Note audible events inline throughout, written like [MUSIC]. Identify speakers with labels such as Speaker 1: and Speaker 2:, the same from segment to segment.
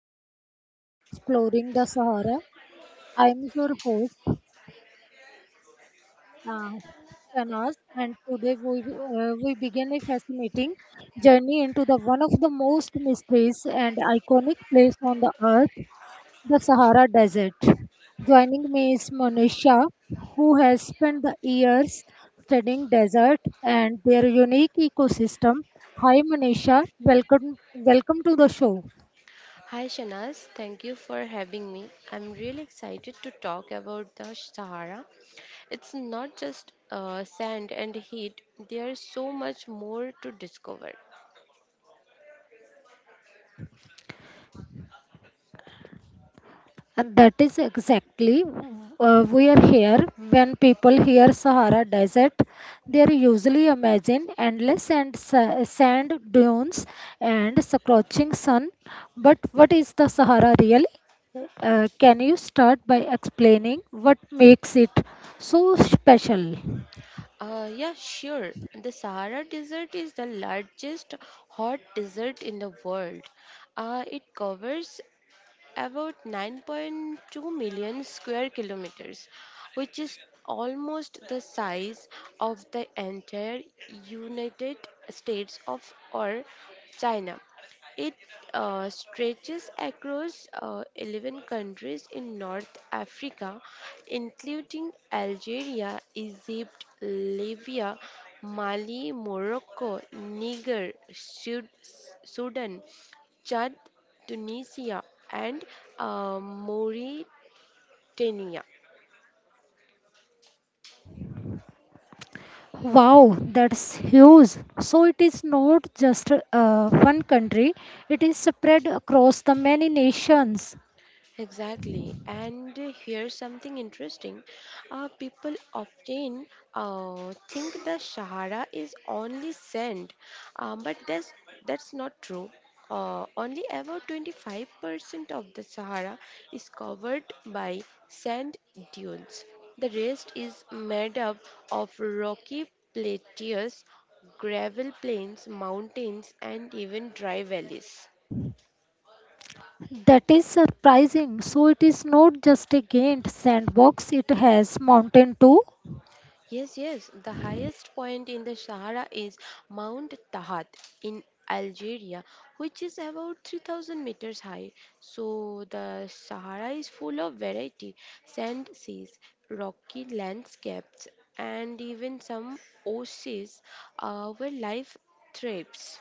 Speaker 1: and welcome to Exploring the Sahara. I am your host uh, Shanaz and today we begin a fascinating journey into the one of the most mysterious and iconic place on the earth, the Sahara Desert. Joining me is Monisha who has spent the years studying desert and their unique ecosystem. Hi Monisha, welcome to the show.
Speaker 2: Hi Shanaz, thank you for having me. I'm really excited to talk about the Sahara. It's not just sand and heat, there's so much more to discover.
Speaker 1: And that is exactly we are here. When people hear Sahara Desert, they are usually imagine endless and sand dunes and scorching sun. But what is the Sahara really? Can you start by explaining what makes it so special?
Speaker 2: Yeah, sure. The Sahara Desert is the largest hot desert in the world. It covers about 9.2 million square kilometers, which is almost the size of the entire United States of or China. It stretches across 11 countries in North Africa, including Algeria, Egypt, Libya, Mali, Morocco, Niger, Sudan, Chad, Tunisia, and Mauritania.
Speaker 1: Wow, that's huge. So it is not just one country, it is spread across the many nations.
Speaker 2: Exactly. And here's something interesting. People often think the Sahara is only sand, uh, but that's, that's not true. Only about 25% of the Sahara is covered by sand dunes. The rest is made up of rocky plateaus, gravel plains, mountains, and even dry valleys.
Speaker 1: That is surprising. So it is not just a gained sandbox, it has mountain too.
Speaker 2: Yes, yes. The highest point in the Sahara is Mount Tahat in Algeria, which is about 3000 meters high. So the Sahara is full of variety sand seas, rocky landscapes, and even some oases where life thrives.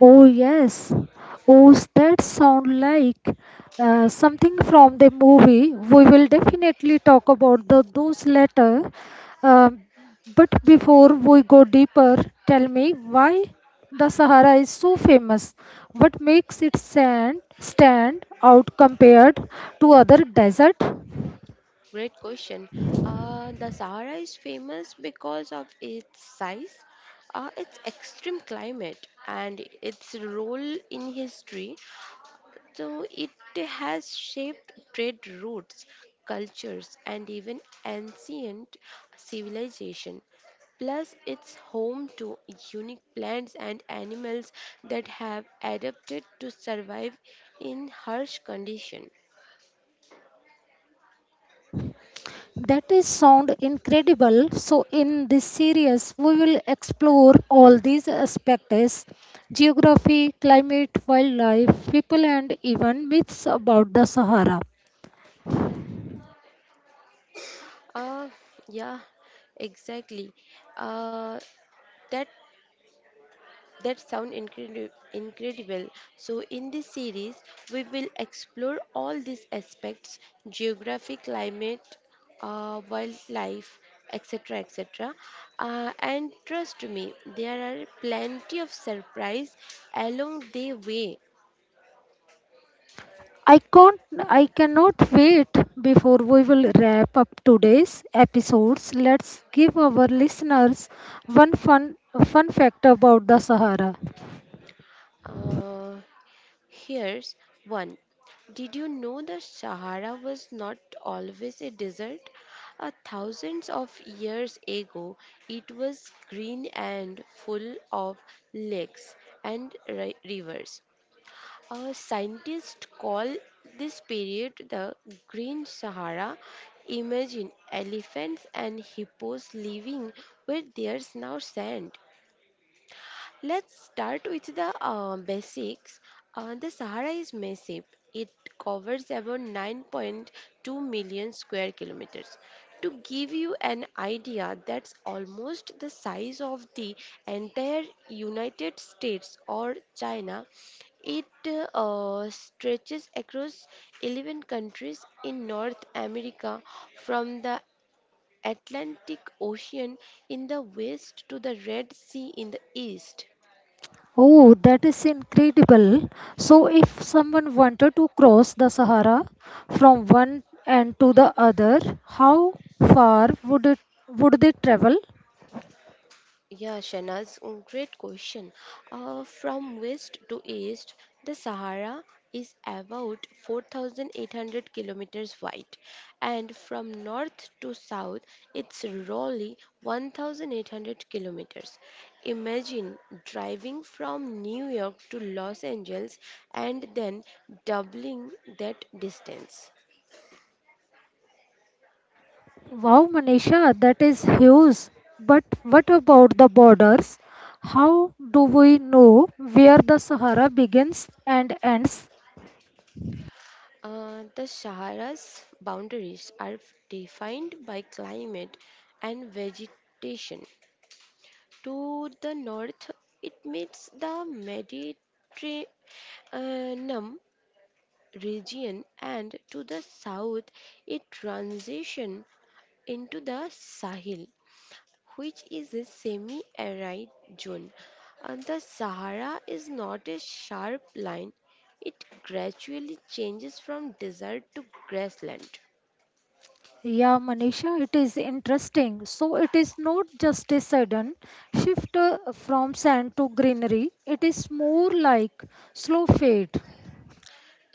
Speaker 1: Oh yes. Oh, that sound like something from the movie. We will definitely talk about the, those later. Um, but before we go deeper, tell me why the Sahara is so famous. What makes it stand out compared to other desert?
Speaker 2: Great question. The Sahara is famous because of its size, its extreme climate, and its role in history. So it has shaped trade routes, cultures, and even ancient civilization. Plus, it's home to unique plants and animals that have adapted to survive in harsh conditions.
Speaker 1: That is sound incredible. So in this series, we will explore all these aspects: geography, climate, wildlife, people, and even myths about the Sahara.
Speaker 2: Uh, yeah, exactly. Uh, that that sound incredible. So, in this series, we will explore all these aspects geography, climate, wildlife, etc. etc. And trust me, there are plenty of surprise along the way.
Speaker 1: I can't, I cannot wait before we will wrap up today's episodes. Let's give our listeners one fun, fun fact about the Sahara.
Speaker 2: Uh, Here's one. Did you know the Sahara was not always a desert? A thousands of years ago, it was green and full of lakes and rivers. Scientists call this period the Green Sahara. Imagine elephants and hippos living where there's now sand. Let's start with the basics. The Sahara is massive. It covers about 9.2 million square kilometers. To give you an idea, that's almost the size of the entire United States or China. It stretches across 11 countries in North America from the Atlantic Ocean in the west to the Red Sea in the east.
Speaker 1: Oh, that is incredible. So, if someone wanted to cross the Sahara from one end to the other, how far would they travel?
Speaker 2: Yeah, Shanaz, great question. From west to east, the Sahara is about 4,800 kilometers wide, and from north to south, it's roughly 1,800 kilometers. Imagine driving from New York to Los Angeles and then doubling that distance.
Speaker 1: Wow, Manisha, that is huge. But what about the borders? How do we know where the Sahara begins and ends?
Speaker 2: The Sahara's boundaries are defined by climate and vegetation. To the north, it meets the Mediterranean uh, region, and to the south, it transitions into the Sahel, which is a semi arid zone. And the Sahara is not a sharp line, it gradually changes from desert to grassland.
Speaker 1: Yeah, Manisha, it is interesting. So, it is not just a sudden shift from sand to greenery, it is more like slow fade.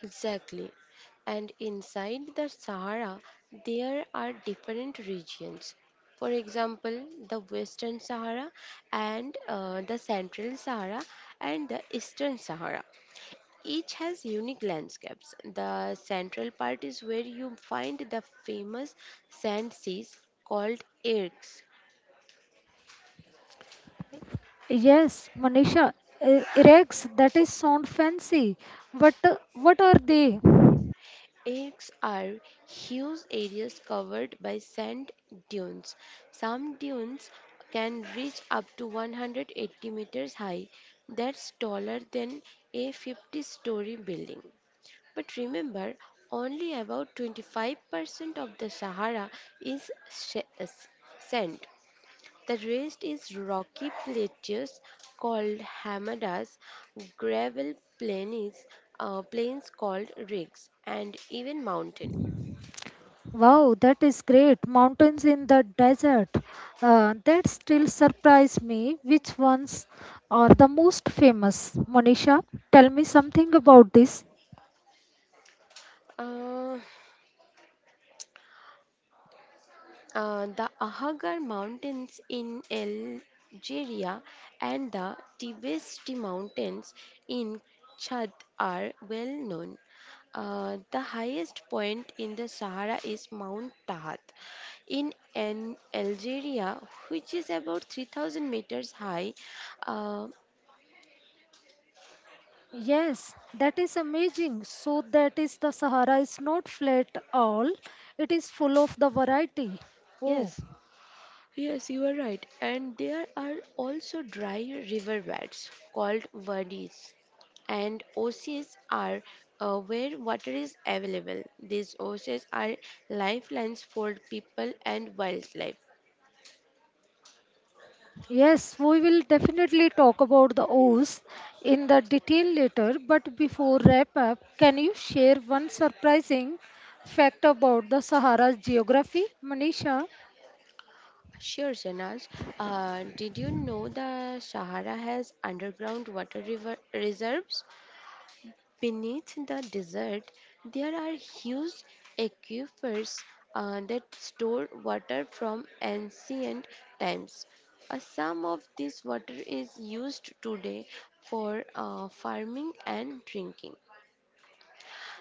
Speaker 2: Exactly. And inside the Sahara, there are different regions. For example, the Western Sahara and the Central Sahara and the Eastern Sahara. Each has unique landscapes. The central part is where you find the famous sand seas called ergs.
Speaker 1: Yes, Manisha, erex, that is sound fancy. But what are they?
Speaker 2: Eggs are huge areas covered by sand dunes. Some dunes can reach up to 180 meters high, that's taller than a 50-story building. But remember, only about 25% of the Sahara is sand. The rest is rocky plateaus called hamadas, gravel plains, plains called rigs, and even mountains.
Speaker 1: Wow, that is great. Mountains in the desert. That still surprise me. Which ones are the most famous? Manisha, tell me something about this.
Speaker 2: Uh, the Ahagar Mountains in Algeria and the Tibesti Mountains in Chad are well known. The highest point in the Sahara is Mount Tahat in Algeria, which is about 3000 meters high. Uh,
Speaker 1: Yes, that is amazing. So that is the Sahara is not flat all. It is full of the variety. Oh,
Speaker 2: yes, yes, you are right. And there are also dry riverbeds called wadis and oases are where water is available. These oases are lifelines for people and wildlife.
Speaker 1: yes, we will definitely talk about the O's in the detail later, but before wrap up, can you share one surprising fact about the Sahara's geography, Manisha?
Speaker 2: Sure, Sanaz. Did you know the Sahara has underground water river reserves? Beneath the desert, there are huge aquifers that store water from ancient times. Some of this water is used today for farming and drinking.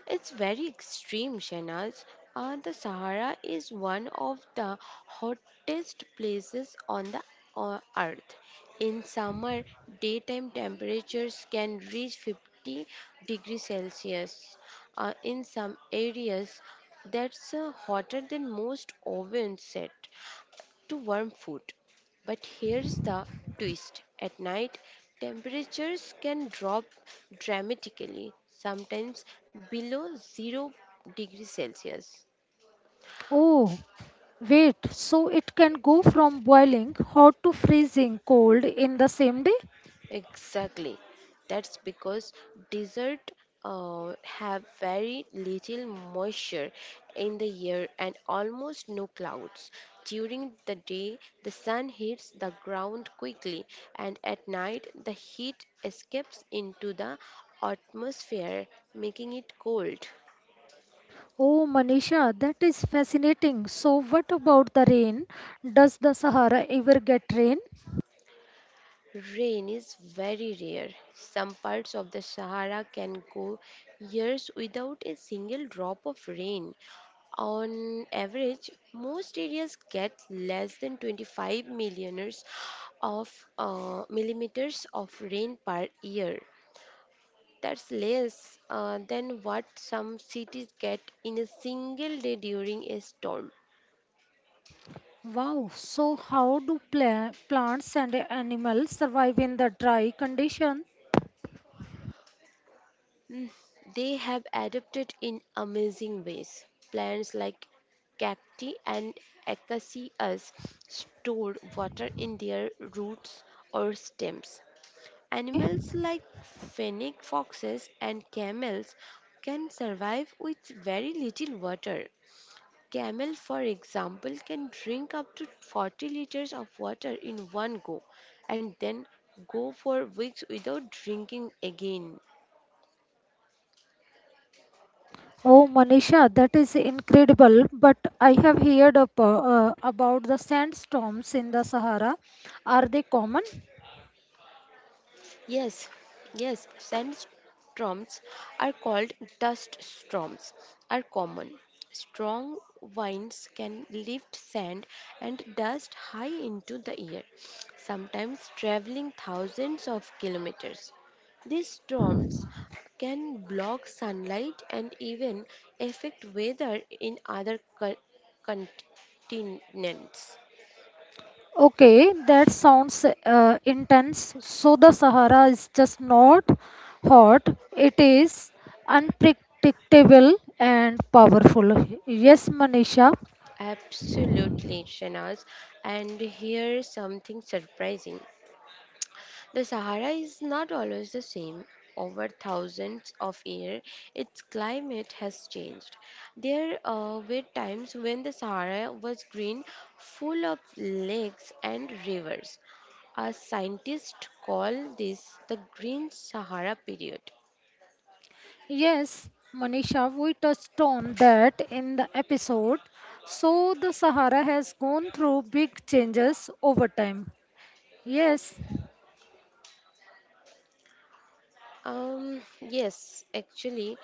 Speaker 2: It's very extreme, Shanaz. The Sahara is one of the hottest places on the earth. In summer, daytime temperatures can reach 50 degrees Celsius. In some areas, that's hotter than most ovens set to warm food. But here's the twist at night, temperatures can drop dramatically, sometimes below 0 degrees Celsius.
Speaker 1: Oh, wait, so it can go from boiling hot to freezing cold in the same day?
Speaker 2: Exactly. That's because desert have very little moisture in the air and almost no clouds. During the day, the sun hits the ground quickly, and at night, the heat escapes into the atmosphere, making it cold.
Speaker 1: Oh, Manisha, that is fascinating. So, what about the rain? Does the Sahara ever get rain?
Speaker 2: Rain is very rare. Some parts of the Sahara can go years without a single drop of rain. On average, most areas get less than 25 millioners of millimeters of rain per year. That's less than what some cities get in a single day during a storm.
Speaker 1: Wow, so how do plants and animals survive in the dry condition?
Speaker 2: Mm, They have adapted in amazing ways. Plants like cacti and acacias store water in their roots or stems.
Speaker 1: Okay.
Speaker 2: Animals like fennec foxes and camels can survive with very little water. Camel, for example, can drink up to 40 liters of water in one go and then go for weeks without drinking again.
Speaker 1: Oh, Manisha, that is incredible. But I have heard about the sandstorms in the Sahara. Are they common?
Speaker 2: Yes, yes, sandstorms are called dust storms, are common. Strong winds can lift sand and dust high into the air, sometimes traveling thousands of kilometers. These storms can block sunlight and even affect weather in other continents.
Speaker 1: Okay, that sounds intense. So the Sahara is just not hot, it is unpredictable and powerful. Yes, Manisha.
Speaker 2: Absolutely, Shanaz. And here's something surprising. The Sahara is not always the same. Over thousands of years, its climate has changed. There were times when the Sahara was green, full of lakes and rivers. Our scientists call this the Green Sahara period.
Speaker 1: Yes, Manisha, we touched on that in the episode. So the Sahara has gone through big changes over time. Yes.
Speaker 2: Yes, actually,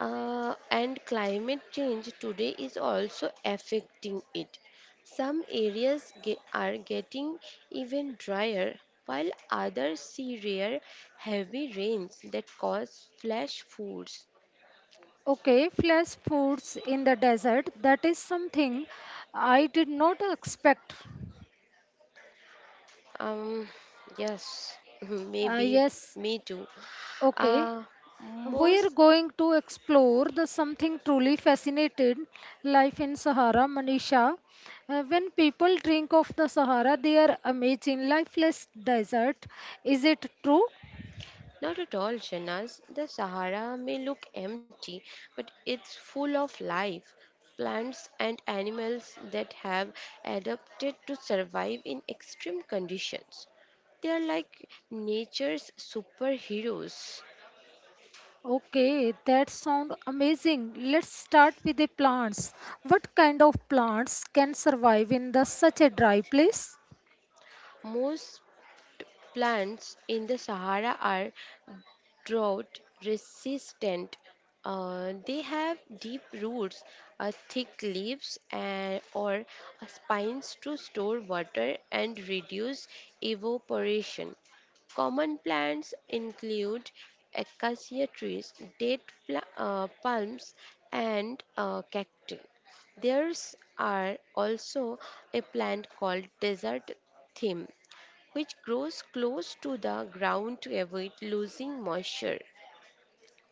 Speaker 2: and climate change today is also affecting it. Some areas are getting even drier, while others see rare heavy rains that cause flash floods.
Speaker 1: Okay, flash foods in the desert. That is something I did not expect.
Speaker 2: Um, yes, [LAUGHS] maybe
Speaker 1: Yes.
Speaker 2: me too.
Speaker 1: Okay.
Speaker 2: Uh,
Speaker 1: We're
Speaker 2: most
Speaker 1: going to explore the something truly fascinated life in Sahara, Manisha. When people drink of the Sahara, they are amazing lifeless desert. Is it true?
Speaker 2: Not at all, Shanaz. The Sahara may look empty, but it's full of life. Plants and animals that have adapted to survive in extreme conditions. They are like nature's superheroes.
Speaker 1: Okay, that sounds amazing. Let's start with the plants. What kind of plants can survive in the such a dry place?
Speaker 2: Most plants in the Sahara are drought resistant. They have deep roots, thick leaves, and or spines to store water and reduce evaporation. Common plants include acacia trees, date palms, and cacti. There are also a plant called desert thyme, which grows close to the ground to avoid losing moisture.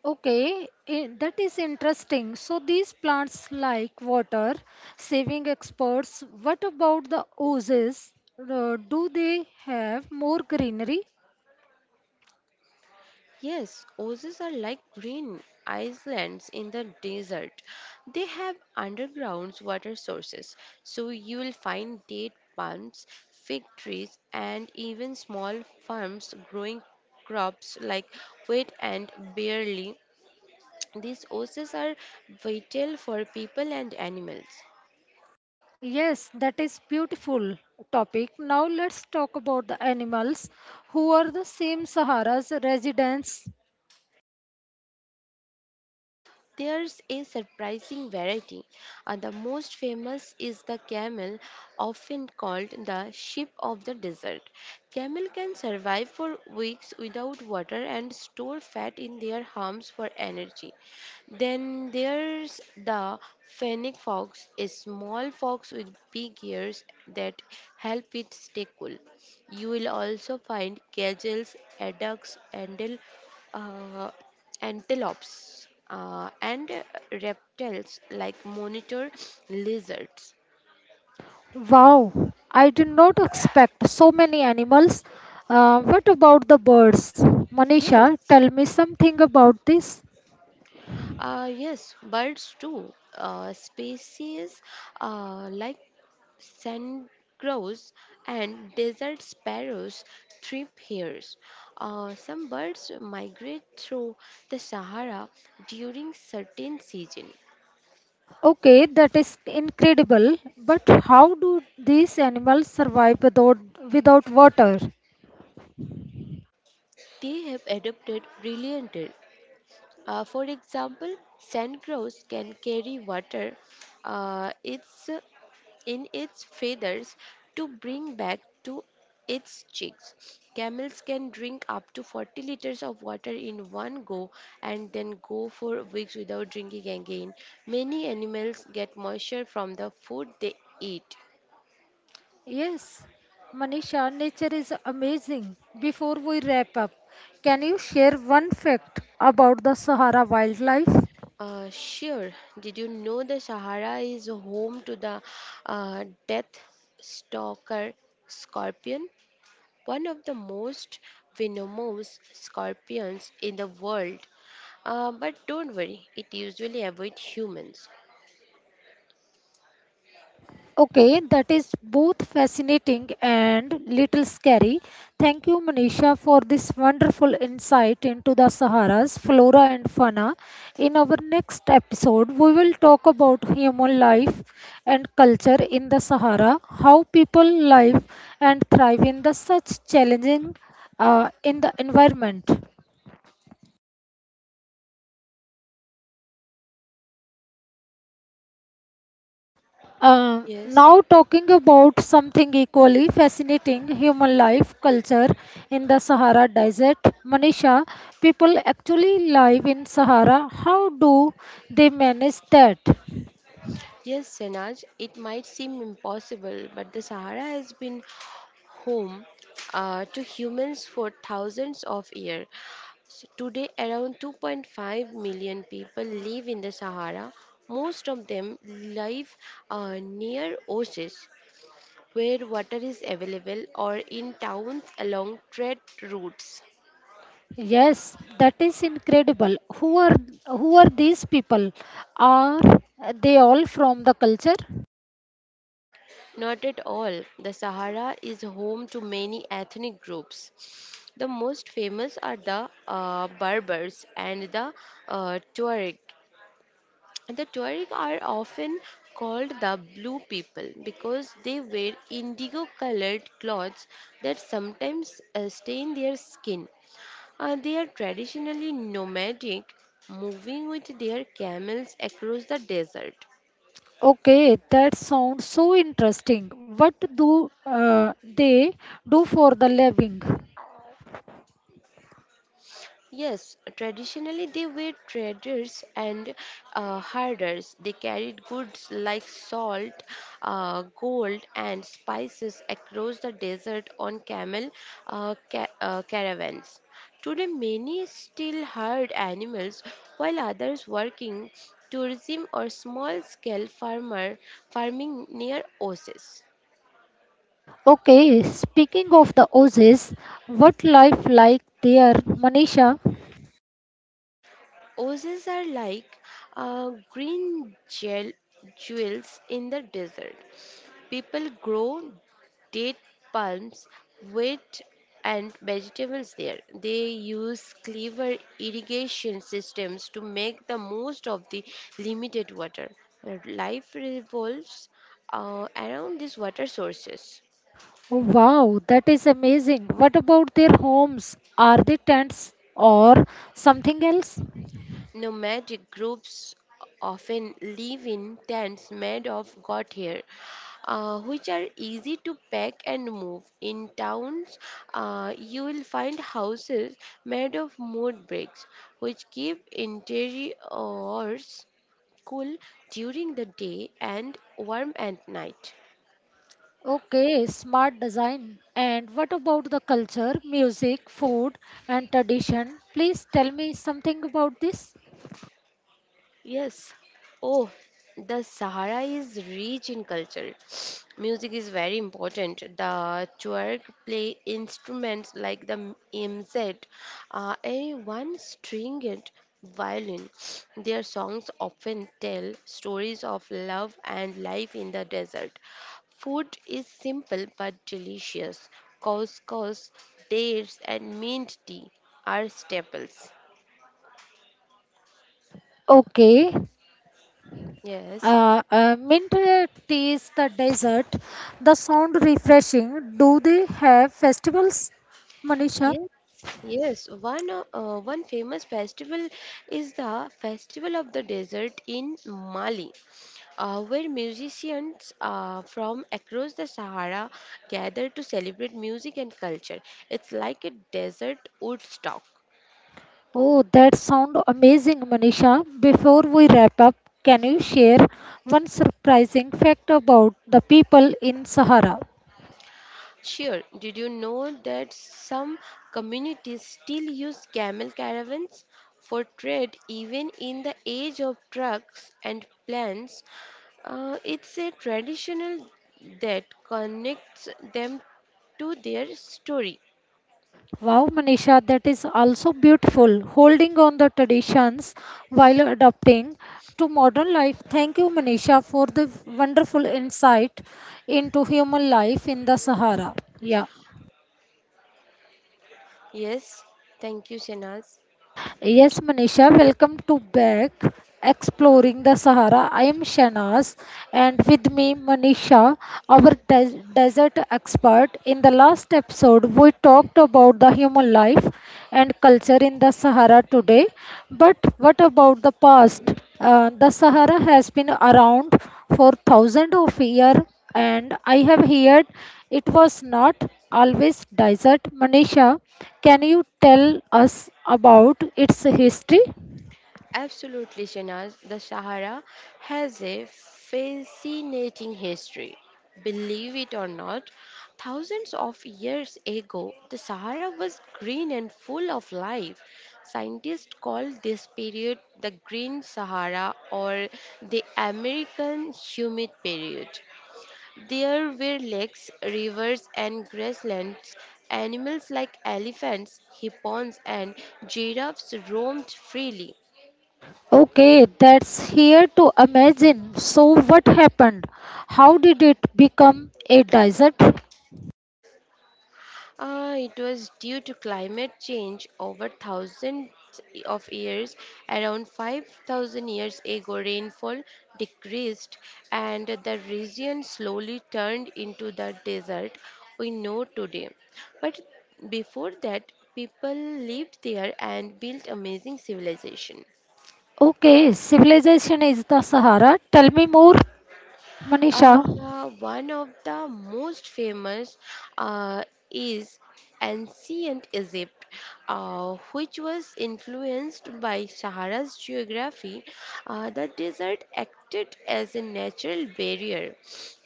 Speaker 1: Okay, eh, that is interesting. So these plants like water saving experts. What about the oases? Do they have more greenery?
Speaker 2: Yes, oases are like green islands in the desert. They have underground water sources, so you will find date palms, fig trees, and even small farms growing crops like wheat and barley. These oases are vital for people and animals.
Speaker 1: Yes, that is beautiful topic. Now let's talk about the animals who are the same Sahara's residents.
Speaker 2: There's a surprising variety. The most famous is the camel, often called the sheep of the desert. Camel can survive for weeks without water and store fat in their humps for energy. Then there's the fennec fox, a small fox with big ears that help it stay cool. You will also find gazelles, adducks, and uh, antelopes, and reptiles like monitor lizards.
Speaker 1: Wow, I did not expect so many animals. What about the birds?
Speaker 2: Yes,
Speaker 1: Manisha, tell me something about this.
Speaker 2: yes, birds too. Species like sand crows and desert sparrows thrive here. Some birds migrate through the Sahara during certain season.
Speaker 1: Okay, that is incredible. But how do these animals survive without water?
Speaker 2: They have adapted brilliantly. For example, sand crows can carry water uh, its, in its feathers to bring back to its chicks. Camels can drink up to 40 liters of water in one go and then go for weeks without drinking again. Many animals get moisture from the food they eat.
Speaker 1: Yes, Manisha, nature is amazing. Before we wrap up, can you share one fact about the Sahara wildlife?
Speaker 2: Sure, did you know the Sahara is home to the death stalker scorpion? One of the most venomous scorpions in the world. But don't worry, it usually avoids humans.
Speaker 1: Okay, that is both fascinating and little scary. Thank you, Manisha, for this wonderful insight into the Sahara's flora and fauna. In our next episode, we will talk about human life and culture in the Sahara, how people live and thrive in the such challenging in the environment.
Speaker 2: Yes,
Speaker 1: Now, talking about something equally fascinating human life culture in the Sahara Desert. Manisha, people actually live in Sahara. How do they manage that?
Speaker 2: yes, Senaj, it might seem impossible, but the Sahara has been home to humans for thousands of years. So today, around 2.5 million people live in the Sahara. Most of them live near oases where water is available, or in towns along trade routes.
Speaker 1: Yes, that is incredible. Who are these people? Are they all from the culture?
Speaker 2: Not at all. The Sahara is home to many ethnic groups. The most famous are the Berbers and the Tuareg. The Tuareg are often called the blue people because they wear indigo colored clothes that sometimes stain their skin. They are traditionally nomadic, moving with their camels across the desert.
Speaker 1: Okay, that sounds so interesting. What do they do for the living?
Speaker 2: Yes, traditionally they were traders and herders. They carried goods like salt, gold, and spices across the desert on camel caravans. Today, many still herd animals, while others working tourism or small-scale farmer farming near oases.
Speaker 1: Okay, speaking of the Aussies, what life like there, Manisha?
Speaker 2: Oases are like green gel jewels in the desert. People grow date palms, wheat, and vegetables there. They use clever irrigation systems to make the most of the limited water. Their life revolves around these water sources.
Speaker 1: Wow, that is amazing. What about their homes? Are they tents or something else?
Speaker 2: Nomadic groups often live in tents made of goat hair, which are easy to pack and move. In towns, you will find houses made of mud bricks, which keep interiors cool during the day and warm at night.
Speaker 1: Okay, smart design. And what about the culture, music, food, and tradition? Please tell me something about this.
Speaker 2: Yes. Oh, the Sahara is rich in culture. [SNIFFS] Music is very important. The Tuareg play instruments like the MZ, a one-stringed violin. [SNIFFS] Their songs often tell stories of love and life in the desert. Food is simple but delicious. Couscous, dates, and mint tea are staples.
Speaker 1: Okay.
Speaker 2: Yes.
Speaker 1: Mint tea is the dessert. The sound refreshing. Do they have festivals, Manisha?
Speaker 2: Yes, yes. One famous festival is the Festival of the Desert in Mali, where musicians from across the Sahara gather to celebrate music and culture. It's like a desert Woodstock.
Speaker 1: Oh, that sound amazing, Manisha. Before we wrap up, can you share one surprising fact about the people in Sahara?
Speaker 2: Sure, did you know that some communities still use camel caravans for trade even in the age of trucks and planes? It's a traditional that connects them to their story.
Speaker 1: Wow, Manisha, that is also beautiful. Holding on the traditions while adapting to modern life. Thank you, Manisha, for the wonderful insight into human life in the Sahara. Yeah.
Speaker 2: Yes, thank you, Shanaz.
Speaker 1: Yes, Manisha, welcome to back exploring the Sahara. I am Shanaz, and with me, Manisha, our desert expert. In the last episode, we talked about the human life and culture in the Sahara today. But what about the past? The Sahara has been around for thousands of years and I have heard it was not always desert. Manisha, can you tell us about its history?
Speaker 2: Absolutely, Shanaz. The Sahara has a fascinating history. Believe it or not, thousands of years ago, the Sahara was green and full of life. Scientists call this period the Green Sahara or the American Humid Period. There were lakes, rivers, and grasslands. Animals like elephants, hippos, and giraffes roamed freely.
Speaker 1: Okay, that's here to imagine. So, what happened? How did it become a desert?
Speaker 2: It was due to climate change over thousands of years. Around 5,000 years ago, rainfall decreased and the region slowly turned into the desert we know today. But before that, people lived there and built amazing civilization.
Speaker 1: Okay, civilization is the Sahara. Tell me more, Manisha.
Speaker 2: One of the most famous uh, is ancient Egypt, which was influenced by Sahara's geography. The desert acted as a natural barrier,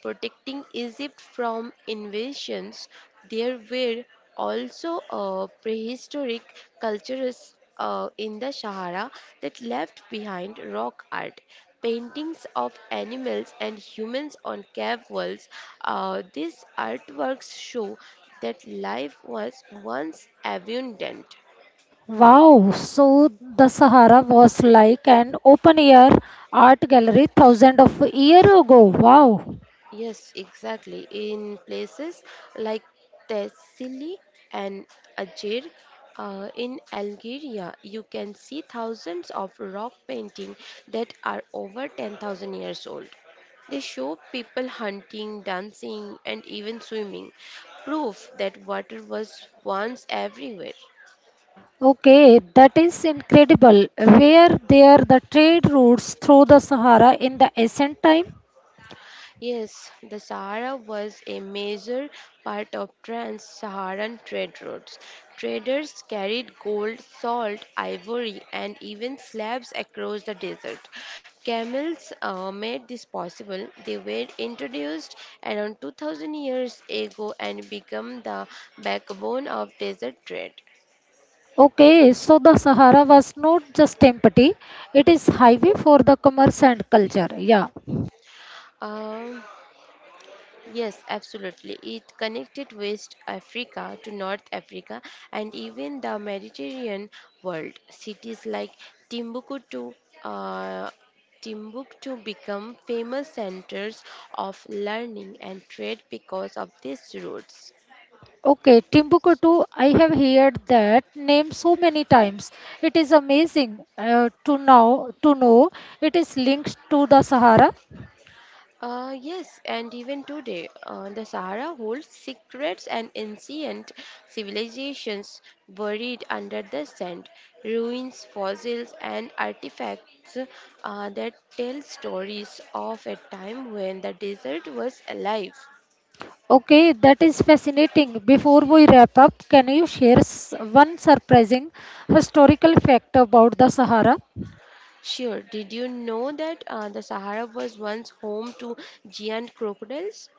Speaker 2: protecting Egypt from invasions. There were also prehistoric cultures in the Sahara that left behind rock art, paintings of animals and humans on cave walls. These artworks show that life was once abundant.
Speaker 1: Wow, so the Sahara was like an open air art gallery thousands of years ago. Wow.
Speaker 2: Yes, exactly. In places like Thessaly and Ajir in Algeria, you can see thousands of rock paintings that are over 10,000 years old. They show people hunting, dancing, and even swimming, proof that water was once everywhere.
Speaker 1: Okay, that is incredible. Where there the trade routes through the Sahara in the ancient time?
Speaker 2: Yes, the Sahara was a major part of trans-Saharan trade routes. Traders carried gold, salt, ivory, and even slabs across the desert. Camels made this possible. They were introduced around 2000 years ago and become the backbone of desert trade.
Speaker 1: Okay, so the Sahara was not just empty; it is highway for the commerce and culture. Yeah.
Speaker 2: Um, Yes, absolutely. It connected West Africa to North Africa and even the Mediterranean world. Cities like Timbuktu, uh, Timbuktu become famous centers of learning and trade because of these routes.
Speaker 1: Okay, Timbuktu. I have heard that name so many times. It is amazing to now to know it is linked to the Sahara.
Speaker 2: Yes, and even today, the Sahara holds secrets and ancient civilizations buried under the sand, ruins, fossils, and artifacts that tell stories of a time when the desert was alive.
Speaker 1: Okay, that is fascinating. Before we wrap up, can you share one surprising historical fact about the Sahara?
Speaker 2: Sure, did you know that the Sahara was once home to giant crocodiles?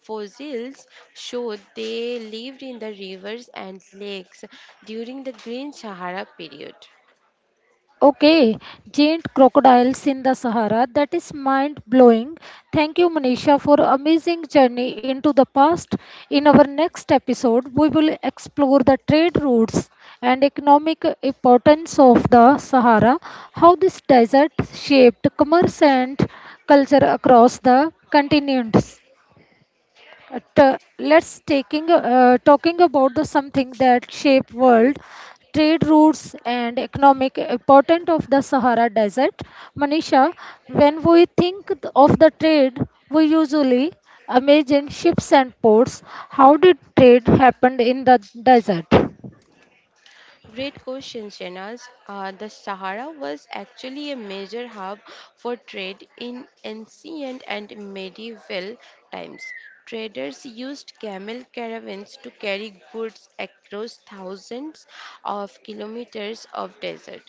Speaker 2: Fossils show they lived in the rivers and lakes during the Green Sahara period.
Speaker 1: Okay, giant crocodiles in the Sahara. That is mind blowing. Thank you, Manisha, for amazing journey into the past. In our next episode, we will explore the trade routes and economic importance of the Sahara, how this desert shaped commerce and culture across the continents. At, let's taking talking about the something that shape world trade routes and economic importance of the Sahara Desert. Manisha, when we think of the trade, we usually imagine ships and ports. How did trade happen in the desert?
Speaker 2: Great question, Shanaz. The Sahara was actually a major hub for trade in ancient and medieval times. Traders used camel caravans to carry goods across thousands of kilometers of desert.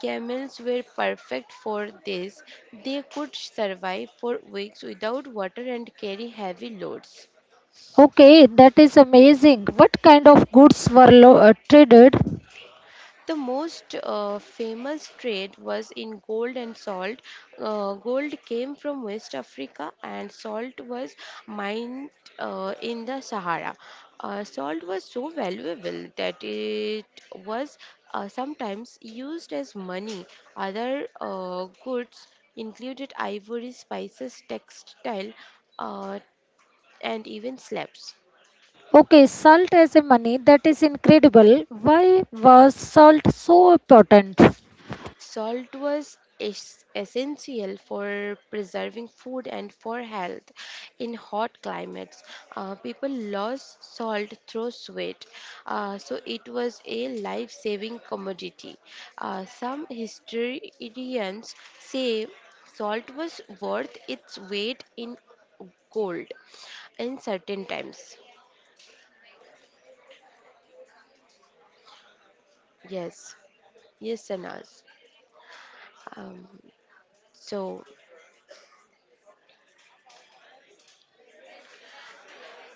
Speaker 2: Camels were perfect for this. They could survive for weeks without water and carry heavy loads.
Speaker 1: Okay, that is amazing. What kind of goods were traded?
Speaker 2: The most famous trade was in gold and salt. Gold came from West Africa, and salt was mined in the Sahara. Salt was so valuable that it was sometimes used as money. Other goods included ivory, spices, textile, uh, and even slaves.
Speaker 1: Okay, salt as a money, that is incredible. Why was salt so important?
Speaker 2: Salt was essential for preserving food and for health in hot climates. People lost salt through sweat, so it was a life saving commodity. Some historians say salt was worth its weight in gold in certain times. Yes, yes, Sanas. Um, so,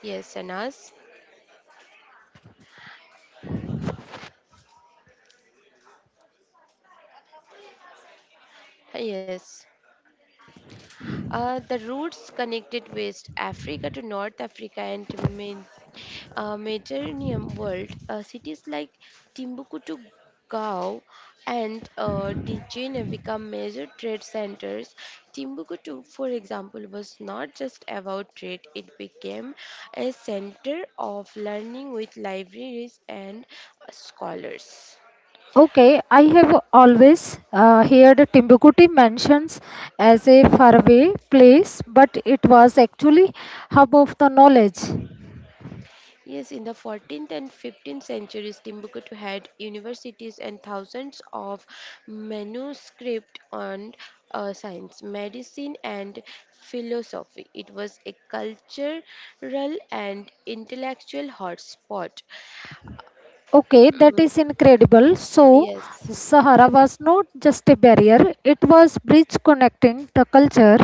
Speaker 2: yes, Sanas. Yes. The routes connected West Africa to North Africa and Med- Mediterranean world. Cities like Timbuktu, to Gao, and Djinné become major trade centers. Timbuktu, for example, was not just about trade, it became a center of learning with libraries and scholars.
Speaker 1: Okay, I have always heard Timbuktu mentions as a faraway place, but it was actually hub of the knowledge.
Speaker 2: Yes, in the 14th and 15th centuries, Timbuktu had universities and thousands of manuscripts on science, medicine, and philosophy. It was a cultural and intellectual hotspot.
Speaker 1: Okay, that
Speaker 2: Mm,
Speaker 1: is incredible. So,
Speaker 2: yes.
Speaker 1: Sahara was not just a barrier; it was bridge connecting the culture.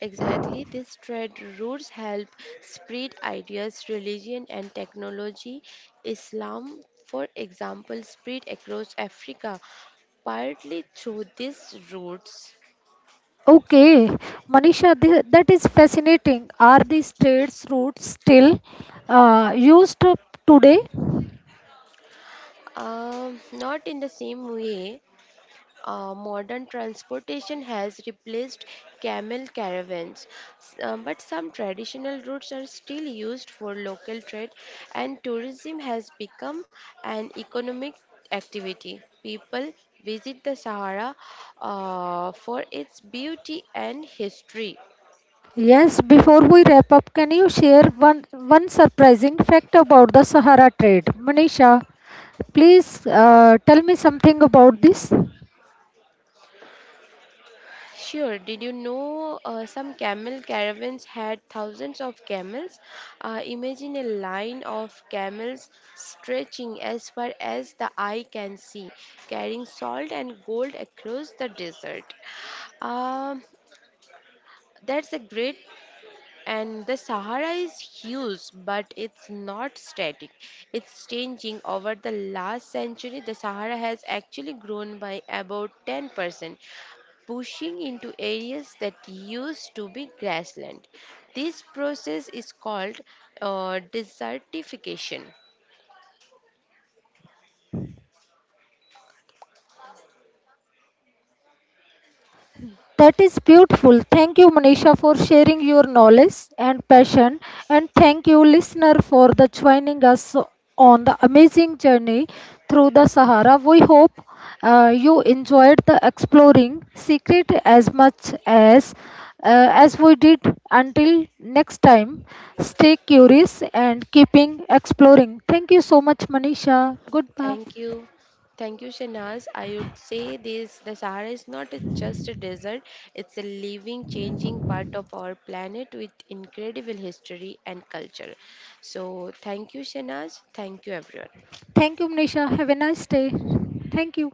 Speaker 2: Exactly, these trade routes help spread ideas, religion, and technology. Islam, for example, spread across Africa partly through these routes.
Speaker 1: Okay, Manisha, that is fascinating. Are these trades routes still used today?
Speaker 2: Not in the same way. Modern transportation has replaced camel caravans, but some traditional routes are still used for local trade, and tourism has become an economic activity. People visit the Sahara for its beauty and history.
Speaker 1: Yes, before we wrap up, can you share one surprising fact about the Sahara trade? Manisha, please tell me something about this.
Speaker 2: Sure, did you know some camel caravans had thousands of camels? Imagine a line of camels stretching as far as the eye can see, carrying salt and gold across the desert. Um, that's a great. And the Sahara is huge, but it's not static, it's changing. Over the last century the Sahara has actually grown by about 10%, pushing into areas that used to be grassland. This process is called desertification.
Speaker 1: That is beautiful. Thank you, Manisha, for sharing your knowledge and passion. And thank you, listener, for the joining us on the amazing journey through the Sahara. We hope you enjoyed the exploring secret as much as we did. Until next time, stay curious and keeping exploring. Thank you so much, Manisha. Goodbye.
Speaker 2: Thank you. Thank you, Shanaz. I would say this, the Sahara is not just a desert, it's a living, changing part of our planet with incredible history and culture. So, thank you, Shanaz. Thank you, everyone.
Speaker 1: Thank you, Manisha. Have a nice day. Thank you.